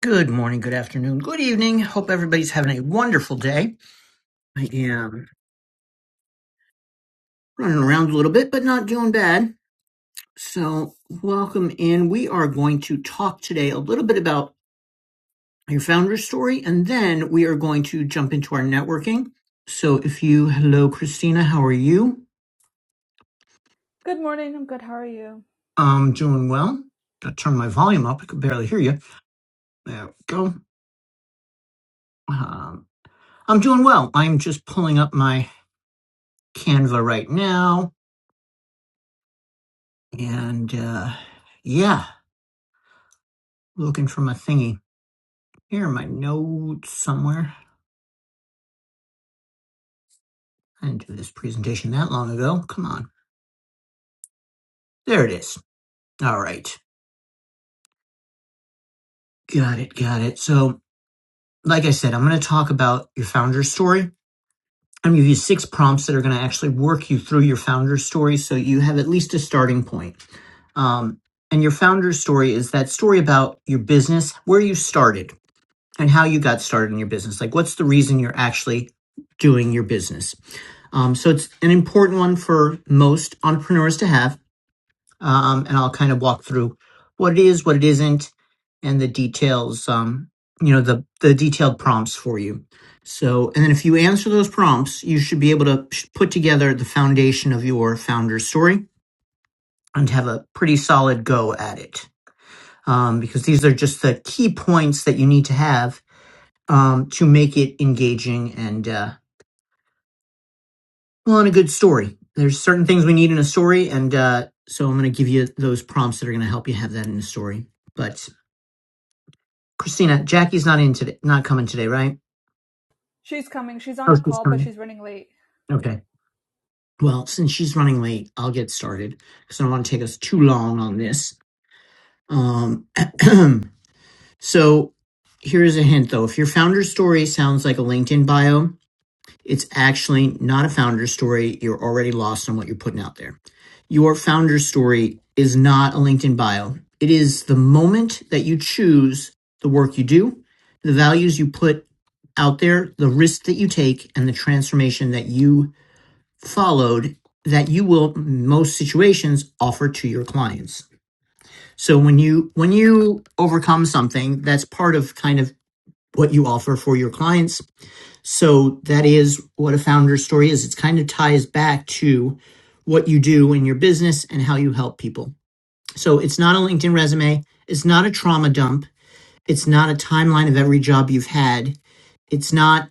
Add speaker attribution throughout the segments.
Speaker 1: Good morning, good afternoon, good evening. Hope everybody's having a wonderful day. I am running around a little bit, but not doing bad. So, welcome in. We are going to talk today a little bit about your founder story, and then we are going to jump into our networking. So, if you, hello, Christina, how are you?
Speaker 2: Good morning. I'm good. How are you?
Speaker 1: I'm doing well. Gotta turn my volume up. I could barely hear you. There we go. Um, I'm doing well. I'm just pulling up my Canva right now, and uh, yeah. looking for my thingy. Here are my notes somewhere. I didn't do this presentation that long ago. Come on. There it is. All right. Got it. Got it. So, like I said, I'm going to talk about your founder story. I'm going to give you six prompts that are going to actually work you through your founder story so you have at least a starting point. Um, and your founder story is that story about your business, where you started, and how you got started in your business. Like, what's the reason you're actually doing your business? Um, so it's an important one for most entrepreneurs to have. Um, and I'll kind of walk through what it is, what it isn't, and the details. Um, you know, the the detailed prompts for you. So, and then if you answer those prompts, you should be able to put together the foundation of your founder story and have a pretty solid go at it. Um, because these are just the key points that you need to have um, to make it engaging and uh, well, and a good story. There's certain things we need in a story, and uh, so I'm going to give you those prompts that are going to help you have that in a story. But Christina, Jackie's not in today, not coming today, right?
Speaker 2: She's coming. She's on
Speaker 1: Oh,
Speaker 2: a
Speaker 1: she's
Speaker 2: call, but
Speaker 1: coming.
Speaker 2: she's running late.
Speaker 1: Okay. Well, since she's running late, I'll get started because I don't want to take us too long on this. Um, so here's a hint, though. If your founder story sounds like a LinkedIn bio, It's actually not a founder story. You're already lost on what you're putting out there. Your founder story is not a LinkedIn bio. It is the moment that you choose the work you do, the values you put out there, the risk that you take, and the transformation that you followed that you will in most situations offer to your clients. So when you when you overcome something, that's part of kind of what you offer for your clients so that is what a founder story is. It kind of ties back to what you do in your business and how you help people. So it's not a LinkedIn resume. It's not a trauma dump. It's not a timeline of every job you've had. It's not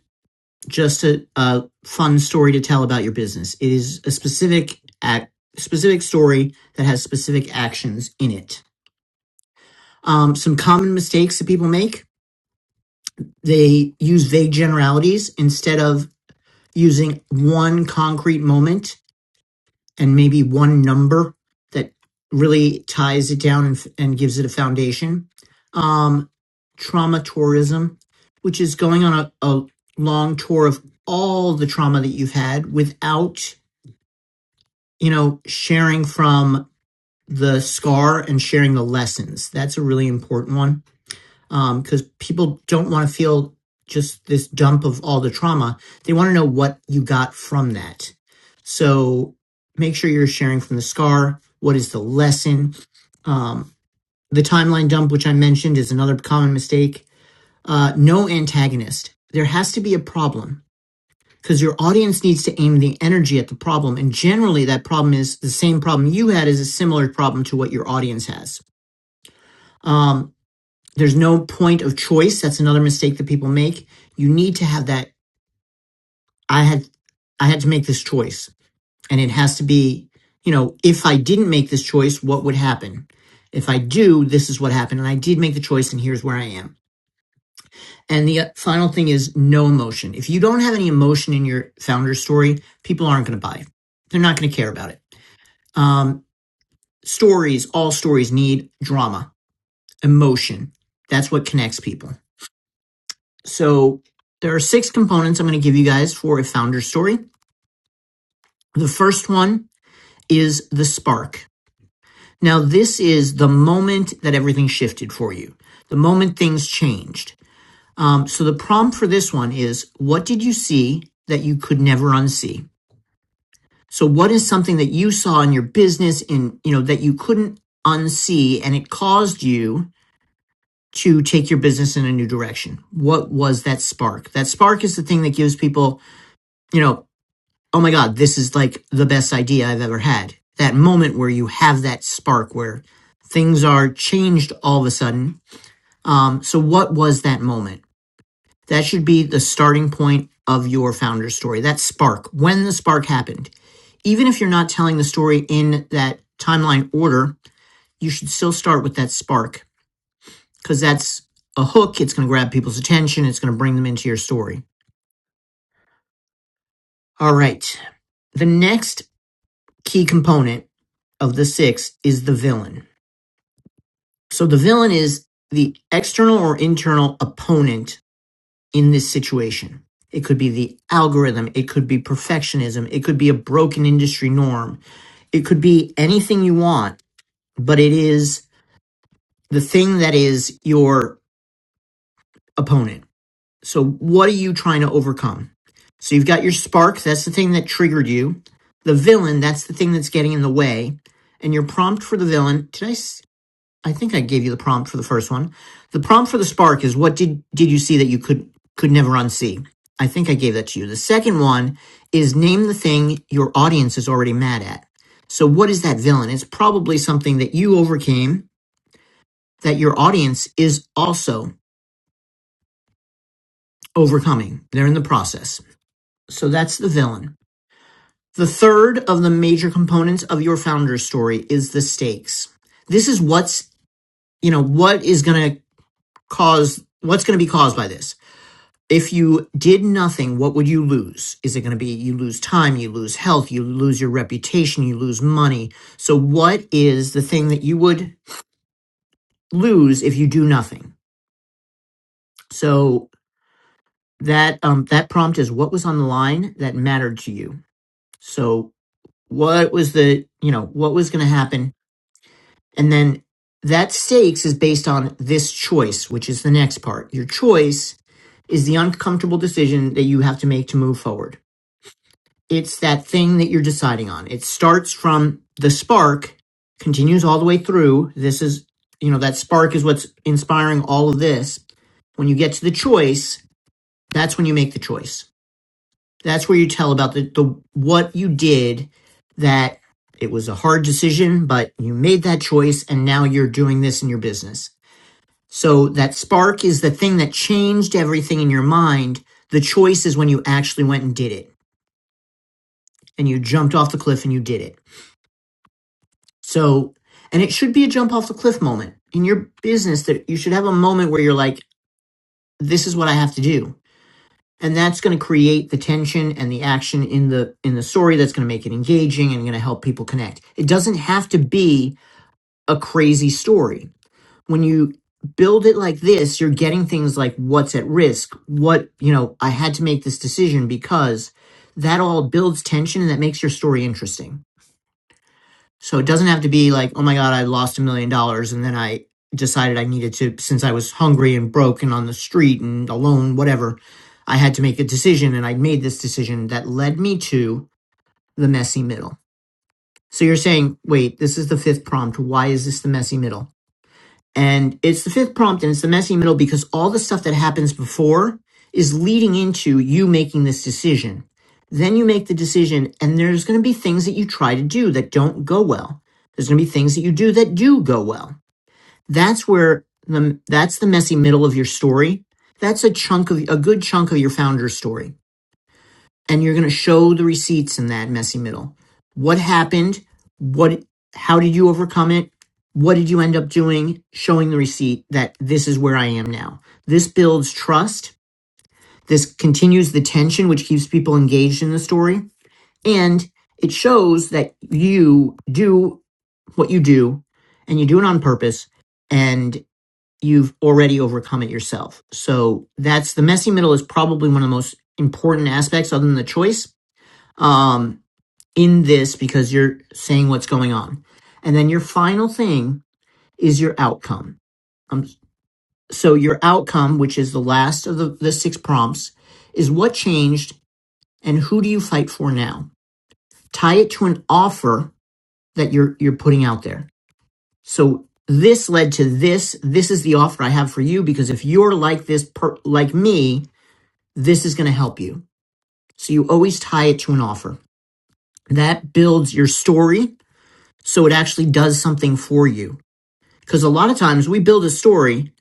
Speaker 1: just a, a fun story to tell about your business. It is a specific act, specific story that has specific actions in it. Um, some common mistakes that people make: they use vague generalities instead of using one concrete moment and maybe one number that really ties it down and, and gives it a foundation. Um, trauma tourism, which is going on a, a long tour of all the trauma that you've had without, you know, sharing from the scar and sharing the lessons. That's a really important one um because um, people don't want to feel just this dump of all the trauma they want to know what you got from that so make sure you're sharing from the scar what is the lesson um the timeline dump which i mentioned is another common mistake uh no antagonist there has to be a problem because your audience needs to aim the energy at the problem and generally that problem is the same problem you had is a similar problem to what your audience has Um, There's no point of choice. That's another mistake that people make. You need to have that. I had, I had to make this choice and it has to be, you know, if I didn't make this choice, what would happen? If I do, this is what happened. And I did make the choice and here's where I am. And the uh, final thing is no emotion. If you don't have any emotion in your founder story, people aren't going to buy it. They're not going to care about it. Um, stories, all stories need drama, emotion. That's what connects people. So there are six components I'm going to give you guys for a founder story. The first one is the spark. Now, this is the moment that everything shifted for you, the moment things changed. Um, so the prompt for this one is what did you see that you could never unsee? So what is something that you saw in your business in, you know, that you couldn't unsee and it caused you to take your business in a new direction? What was that spark? That spark is the thing that gives people you know, oh my God, this is like the best idea I've ever had. That moment where you have that spark where things are changed all of a sudden. Um, so, what was that moment? That should be the starting point of your founder story, that spark, when the spark happened. Even if you're not telling the story in that timeline order, you should still start with that spark because that's a hook. It's going to grab people's attention, it's going to bring them into your story. All right. The next key component of the six is the villain. So the villain is the external or internal opponent in this situation. It could be the algorithm, it could be perfectionism, it could be a broken industry norm, it could be anything you want, but it is the thing that is your opponent. So what are you trying to overcome? So you've got your spark, that's the thing that triggered you. The villain, that's the thing that's getting in the way. And your prompt for the villain, did I? I think I gave you the prompt for the first one. The prompt for the spark is what did did you see that you could could never unsee? I think I gave that to you. The second one is name the thing your audience is already mad at. So what is that villain? It's probably something that you overcame that your audience is also overcoming. They're in the process. So that's the villain. The third of the major components of your founder's story is the stakes. This is what's, you know, what is going to cause what's going to be caused by this If you did nothing, what would you lose? Is it going to be you lose time, you lose health, you lose your reputation, you lose money? So, what is the thing that you would lose if you do nothing? So that um, that prompt is what was on the line that mattered to you. So, what was the you know what was going to happen, and then that stakes is based on this choice, which is the next part. Your choice is the uncomfortable decision that you have to make to move forward. It's that thing that you're deciding on. It starts from the spark, continues all the way through. This is, you know, that spark is what's inspiring all of this. When you get to the choice, that's when you make the choice. That's where you tell about the, the what you did that it was a hard decision, but you made that choice and now you're doing this in your business. So that spark is the thing that changed everything in your mind. The choice is when you actually went and did it and you jumped off the cliff and you did it. So, and it should be a jump off the cliff moment in your business that you should have a moment where you're like, this is what I have to do. And that's going to create the tension and the action in the in the story that's going to make it engaging and going to help people connect. It doesn't have to be a crazy story. When you build it like this, you're getting things like what's at risk, what, you know, I had to make this decision because that all builds tension and that makes your story interesting So it doesn't have to be like, oh my God, I lost a million dollars and then I decided I needed to, since I was hungry and broke and on the street and alone, whatever, I had to make a decision and I made this decision that led me to the messy middle. So you're saying, wait, this is the fifth prompt. Why is this the messy middle? And it's the fifth prompt and it's the messy middle because all the stuff that happens before is leading into you making this decision. Then you make the decision, and there's going to be things that you try to do that don't go well. There's going to be things that you do that do go well. That's where the that's the messy middle of your story. That's a chunk of a good chunk of your founder story and you're going to show the receipts in that messy middle. What happened? What how did you overcome it? What did you end up doing? Showing the receipt that this is where I am now. This builds trust. This continues the tension which keeps people engaged in the story and it shows that you do what you do and you do it on purpose and you've already overcome it yourself. So that's the messy middle is probably one of the most important aspects other than the choice. Um in this because you're saying what's going on. And then your final thing is your outcome. Um, so your outcome, which is the last of the, the six prompts, is what changed and who do you fight for now? Tie it to an offer that you're you're putting out there. So this led to this. This is the offer I have for you because if you're like this per, like me, this is going to help you. So you always tie it to an offer. That builds your story so it actually does something for you Because a lot of times we build a story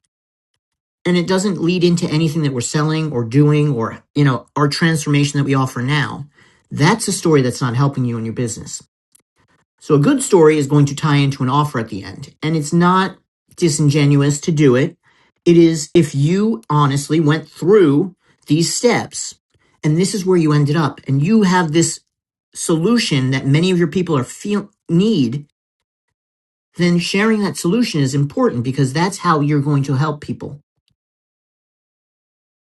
Speaker 1: and it doesn't lead into anything that we're selling or doing or, you know, our transformation that we offer now. That's a story that's not helping you in your business. So a good story is going to tie into an offer at the end. And it's not disingenuous to do it. It is if you honestly went through these steps and this is where you ended up and you have this solution that many of your people are feel need then sharing that solution is important because that's how you're going to help people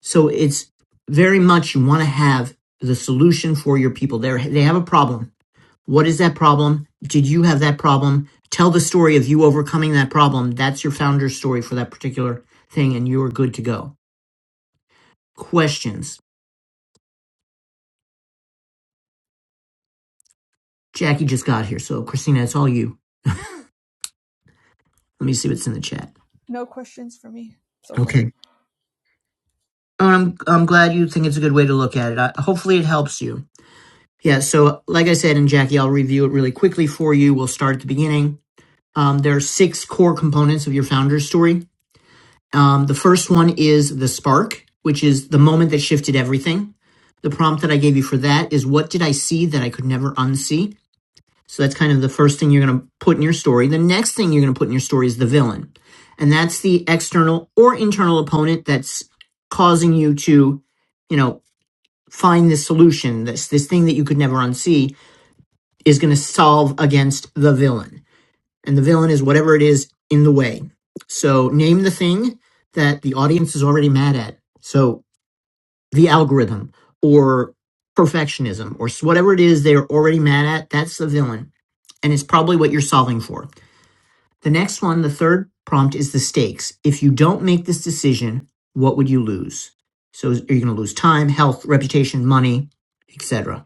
Speaker 1: So it's very much you want to have the solution for your people. They they have a problem. What is that problem? Did you have that problem? Tell the story of you overcoming that problem. That's your founder's story for that particular thing, and you're good to go. Questions. Jackie just got here, so Christina, it's all you. Let me see what's in the chat.
Speaker 2: No questions for me so far.
Speaker 1: Okay. Oh, I'm I'm glad you think it's a good way to look at it. I, hopefully, it helps you. Yeah. So, like I said, and Jackie, I'll review it really quickly for you. We'll start at the beginning Um, there are six core components of your founder's story. Um, the first one is the spark, which is the moment that shifted everything. The prompt that I gave you for that is what did I see that I could never unsee? So that's kind of the first thing you're going to put in your story. The next thing you're going to put in your story is the villain. And that's the external or internal opponent that's causing you to, you know, find this solution, this this thing that you could never unsee is going to solve against the villain and the villain is whatever it is in the way. So name the thing that the audience is already mad at. So the algorithm or perfectionism or whatever it is they're already mad at, that's the villain. And it's probably what you're solving for. The next one, the third prompt is the stakes. If you don't make this decision, what would you lose? So is- are you going to lose time, health, reputation, money, etc.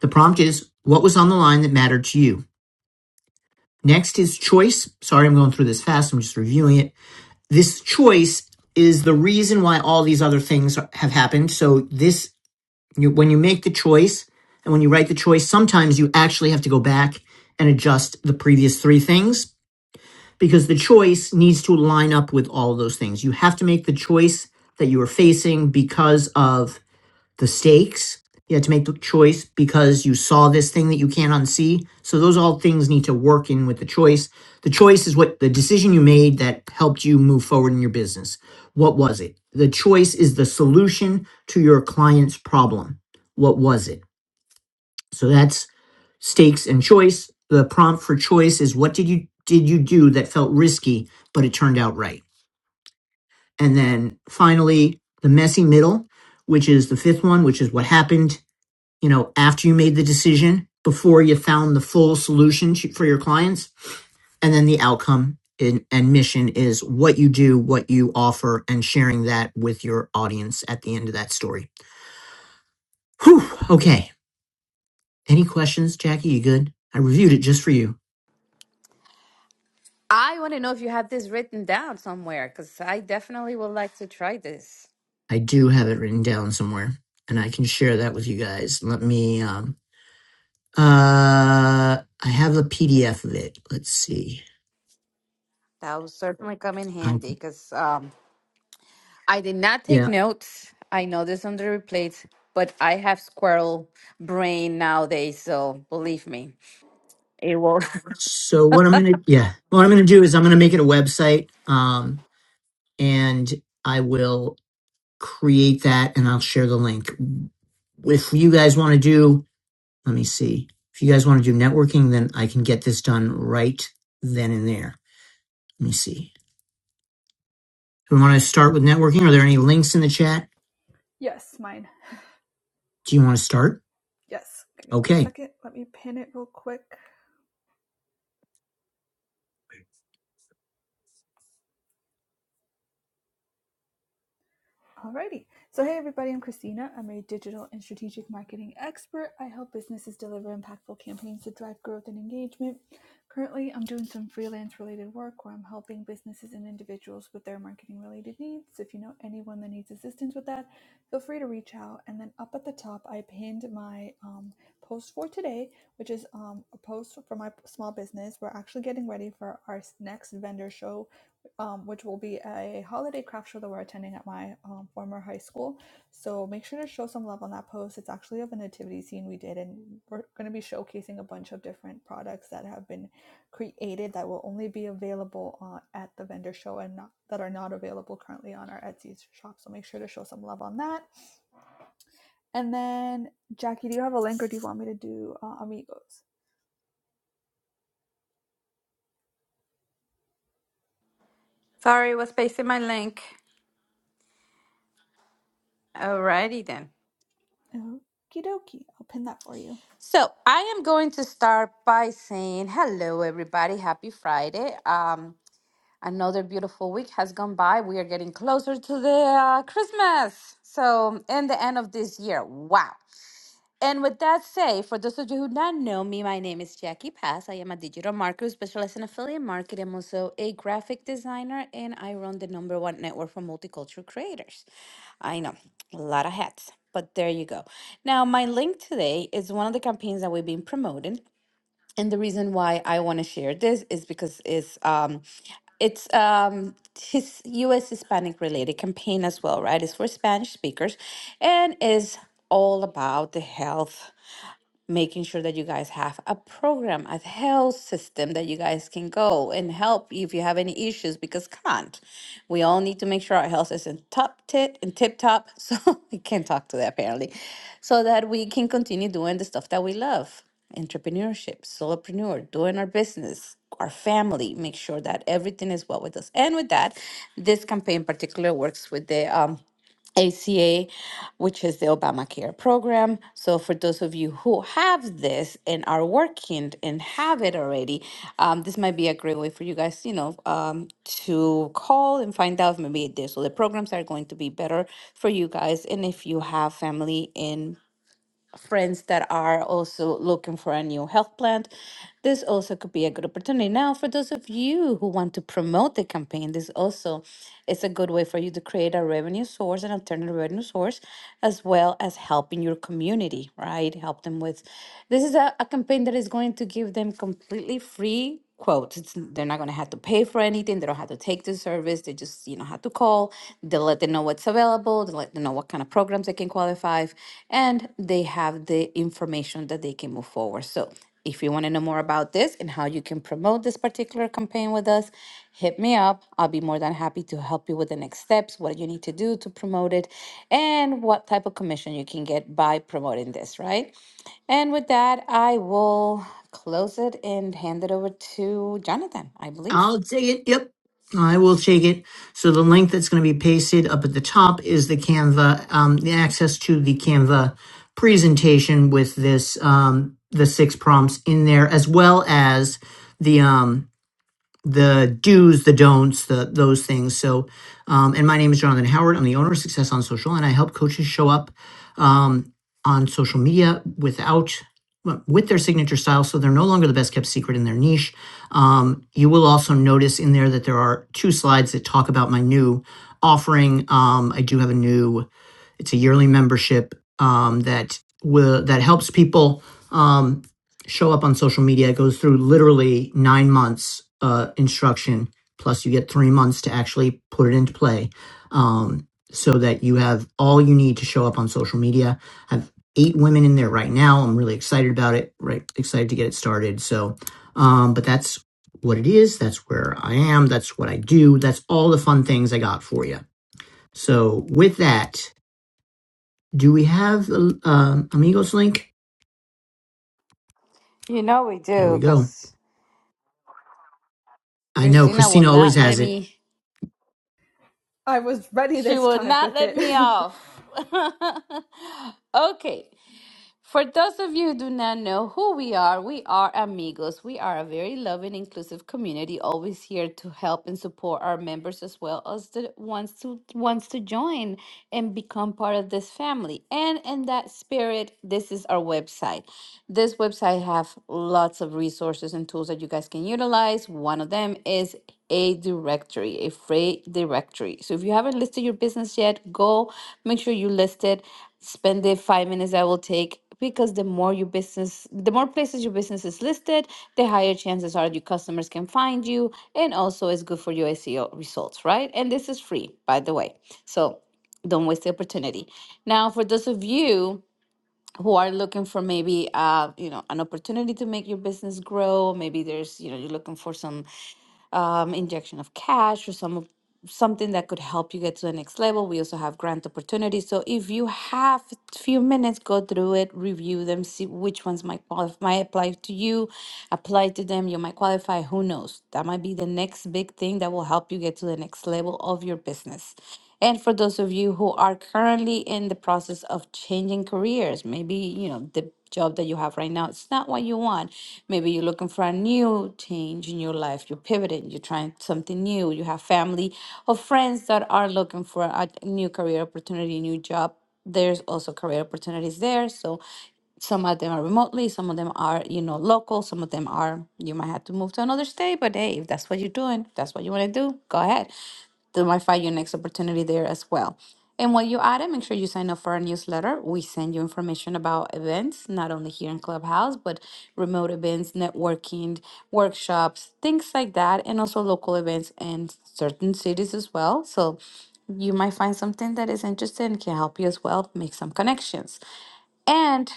Speaker 1: The prompt is what was on the line that mattered to you? Next is choice. Sorry, I'm going through this fast. I'm just reviewing it. this choice is the reason why all these other things have happened. So this, you, when you make the choice and when you write the choice, sometimes you actually have to go back and adjust the previous three things because the choice needs to line up with all of those things. You have to make the choice that you are facing because of the stakes. You had to make the choice because you saw this thing that you can't unsee. So those all things need to work in with the choice. The choice is what the decision you made that helped you move forward in your business. What was it? The choice is the solution to your client's problem. What was it? So that's stakes and choice. The prompt for choice is what did you did you do that felt risky but it turned out right? And then finally, the messy middle, which is the fifth one, which is what happened you know, after you made the decision, before you found the full solution for your clients, and then the outcome and, and mission is what you do, what you offer, and sharing that with your audience at the end of that story. Whew. Okay. Any questions, Jackie? You good? I reviewed it just for you.
Speaker 3: I want to know if you have this written down somewhere because I definitely would like to try this.
Speaker 1: I do have it written down somewhere, and I can share that with you guys. Let me. Um, uh, I have a PDF of it. Let's see.
Speaker 3: That will certainly come in
Speaker 1: Um,
Speaker 3: handy because um, I did not take
Speaker 1: yeah.
Speaker 3: notes. I know this on the replays, but I have squirrel brain nowadays, so believe me.
Speaker 1: So what I'm gonna yeah, what I'm gonna do is I'm gonna make it a website, um, and I will create that and I'll share the link. If you guys want to do, let me see. If you guys want to do networking, then I can get this done right then and there. Let me see. Do we want to start with networking? Are there any links in the chat?
Speaker 2: Yes, mine.
Speaker 1: Do you want to start?
Speaker 2: Yes. Give me one
Speaker 1: Okay.
Speaker 2: second. Let me pin it real quick. Alrighty. So, hey everybody, I'm Christina. I'm a digital and strategic marketing expert. I help businesses deliver impactful campaigns to drive growth and engagement. Currently, I'm doing some freelance related work where I'm helping businesses and individuals with their marketing related needs. So If you know anyone that needs assistance with that, feel free to reach out. And then up at the top, I pinned my um, post for today, which is um, a post for my small business. We're actually getting ready for our next vendor show um, which will be a holiday craft show that we're attending at my um, former high school. So make sure to show some love on that post. It's actually of a nativity scene we did, and we're going to be showcasing a bunch of different products that have been created that will only be available uh, at the vendor show and not that are not available currently on our Etsy shop. So make sure to show some love on that. And then, Jackie, do you have a link or do you want me to do uh, Amigos?
Speaker 3: Sorry, was pasting my link. Alrighty then.
Speaker 2: Okie dokie. I'll pin that for you.
Speaker 3: So I am going to start by saying hello, everybody. Happy Friday. Um, Another beautiful week has gone by. We are getting closer to the uh, Christmas. So, and the end of this year. Wow. And with that said, for those of you who do not know me, my name is Jackie Pass. I am a digital marketer specialist in affiliate marketing. I'm also a graphic designer, and I run the number one network for multicultural creators. I know, a lot of hats, but there you go. Now, my link today is one of the campaigns that we've been promoting. And the reason why I want to share this is because it's um, it's um his US Hispanic related campaign as well, right? It's for Spanish speakers and is all about the health making sure that you guys have a program, a health system that you guys can go and help if you have any issues because can't. We all need to make sure our health is in top tit and tip top. So we can't talk to that apparently. So that we can continue doing the stuff that we love. Entrepreneurship, solopreneur, doing our business, our family, make sure that everything is well with us. And with that, this campaign in particular works with the um ACA, which is the Obama Care program. So, for those of you who have this and are working and have it already, um, this might be a great way for you guys, you know, um, to call and find out if maybe it is. So, the programs are going to be better for you guys. And if you have family in friends that are also looking for a new health plan, this also could be a good opportunity. Now, for those of you who want to promote the campaign, this also is a good way for you to create a revenue source, an alternative revenue source, as well as helping your community, right? Help them with this is a, a campaign that is going to give them completely free quotes. It's, they're not going to have to pay for anything. They don't have to take the service. They just, you know, have to call. They let them know what's available. They let them know what kind of programs they can qualify, and they have the information that they can move forward. So, if you want to know more about this and how you can promote this particular campaign with us, hit me up. I'll be more than happy to help you with the next steps, what you need to do to promote it, and what type of commission you can get by promoting this, right? And with that, I will close it and hand it over to Jonathan, I believe.
Speaker 1: I'll take it. Yep. I will take it. So the link that's going to be pasted up at the top is the Canva, um, the access to the Canva presentation with this, um, the six prompts in there, as well as the, um, the do's, the don'ts, the those things. So, um, and my name is Jonathan Howard. I'm the owner of Success on Social, and I help coaches show up um, on social media without well, with their signature style, so they're no longer the best kept secret in their niche. Um, you will also notice in there that there are two slides that talk about my new offering. Um, I do have a new it's a yearly membership um, that will that helps people. Um, show up on social media. It goes through literally nine months uh, instruction, plus you get three months to actually put it into play, um, so that you have all you need to show up on social media. I have eight women in there right now. I'm really excited about it. Right, excited to get it started. So, um, but that's what it is. That's where I am. That's what I do. That's all the fun things I got for you. So, with that, do we have uh, um, Amigos link?
Speaker 3: You know we
Speaker 1: There
Speaker 3: do,
Speaker 1: we go.
Speaker 3: because
Speaker 1: I know
Speaker 3: Christina will
Speaker 1: Christina always
Speaker 3: not
Speaker 1: has
Speaker 3: let
Speaker 1: it.
Speaker 3: me.
Speaker 2: I was ready
Speaker 3: She
Speaker 2: this
Speaker 3: will
Speaker 2: time
Speaker 3: not
Speaker 2: with
Speaker 3: let
Speaker 2: it.
Speaker 3: me off. okay. For those of you who do not know who we are, we are Amigos. We are a very loving, inclusive community, always here to help and support our members as well as the ones to wants to join and become part of this family. And in that spirit, this is our website. This website have lots of resources and tools that you guys can utilize. One of them is a directory, a freight directory. So if you haven't listed your business yet, go make sure you list it. Spend the five minutes that will take because the more your business, the more places your business is listed, the higher chances are your customers can find you, and also it's good for your SEO results, right? And this is free, by the way. So don't waste the opportunity. Now, for those of you who are looking for maybe uh, you know an opportunity to make your business grow, maybe there's you know you're looking for some um, injection of cash or some of something that could help you get to the next level. We also have grant opportunities. So if you have a few minutes, go through it, review them, see which ones might qualify, might apply to you, apply to them. You might qualify. Who knows? That might be the next big thing that will help you get to the next level of your business. And for those of you who are currently in the process of changing careers, maybe, you know, the job that you have right now, it's not what you want. Maybe you're looking for a new change in your life. You're pivoting, you're trying something new. You have family or friends that are looking for a new career opportunity, new job. There's also career opportunities there. So some of them are remotely, some of them are, you know, local, some of them are you might have to move to another state, but hey, if that's what you're doing, if that's what you want to do, go ahead that might find your next opportunity there as well. And while you're at it, make sure you sign up for our newsletter. We send you information about events, not only here in Clubhouse, but remote events, networking, workshops, things like that, and also local events in certain cities as well. So you might find something that is interesting, can help you as well, make some connections. And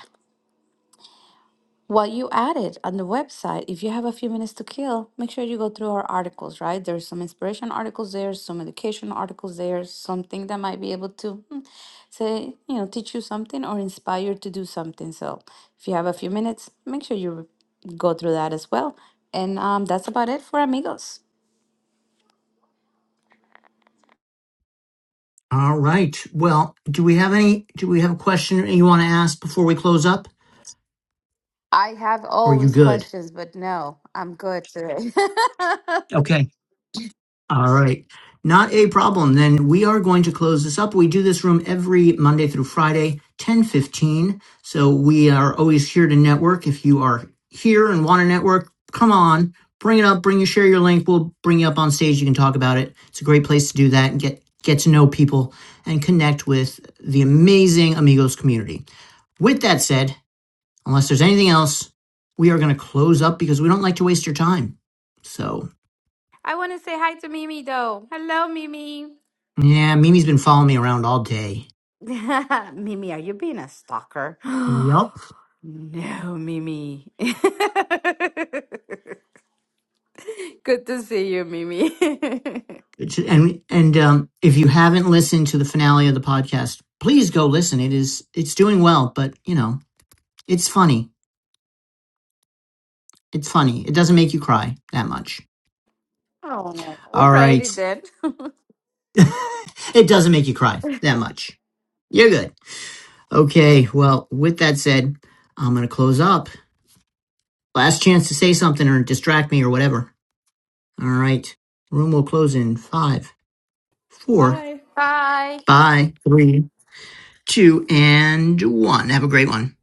Speaker 3: what you added on the website, if you have a few minutes to kill, make sure you go through our articles, right? There's some inspiration articles there, some education articles there, something that might be able to hmm, say, you know, teach you something or inspire you to do something. So if you have a few minutes, make sure you go through that as well. And um, that's about it for Amigos.
Speaker 1: All right. Well, do we have any? Do we have a question you want to ask before we close up?
Speaker 3: I have
Speaker 1: Or are you
Speaker 3: always
Speaker 1: good?
Speaker 3: questions, but no, I'm good today.
Speaker 1: Okay. All right. Not a problem. Then we are going to close this up. We do this room every Monday through Friday, 1015. So we are always here to network. If you are here and want to network, come on, bring it up, bring your share your link. We'll bring you up on stage. You can talk about it. It's a great place to do that and get get to know people and connect with the amazing Amigos community. With that said, unless there's anything else, we are going to close up because we don't like to waste your time. So,
Speaker 3: I want to say hi to Mimi though. Hello, Mimi.
Speaker 1: yeah, Mimi's been following me around all day.
Speaker 3: Mimi, are you being a stalker?
Speaker 1: Yup.
Speaker 3: no, Mimi. Good to see you, Mimi.
Speaker 1: It's- And and um, if you haven't listened to the finale of the podcast, please go listen. It is it's doing well, but you know it's funny. It's funny. It doesn't make you cry that much.
Speaker 3: oh,
Speaker 1: All right.
Speaker 3: alrighty then.
Speaker 1: it doesn't make you cry that much. You're good. Okay. Well, with that said, I'm gonna close up. Last chance to say something or distract me or whatever. All right. Room will close in five, four,
Speaker 2: Bye.
Speaker 3: Bye.
Speaker 1: five, three, two, and one. Have a great one.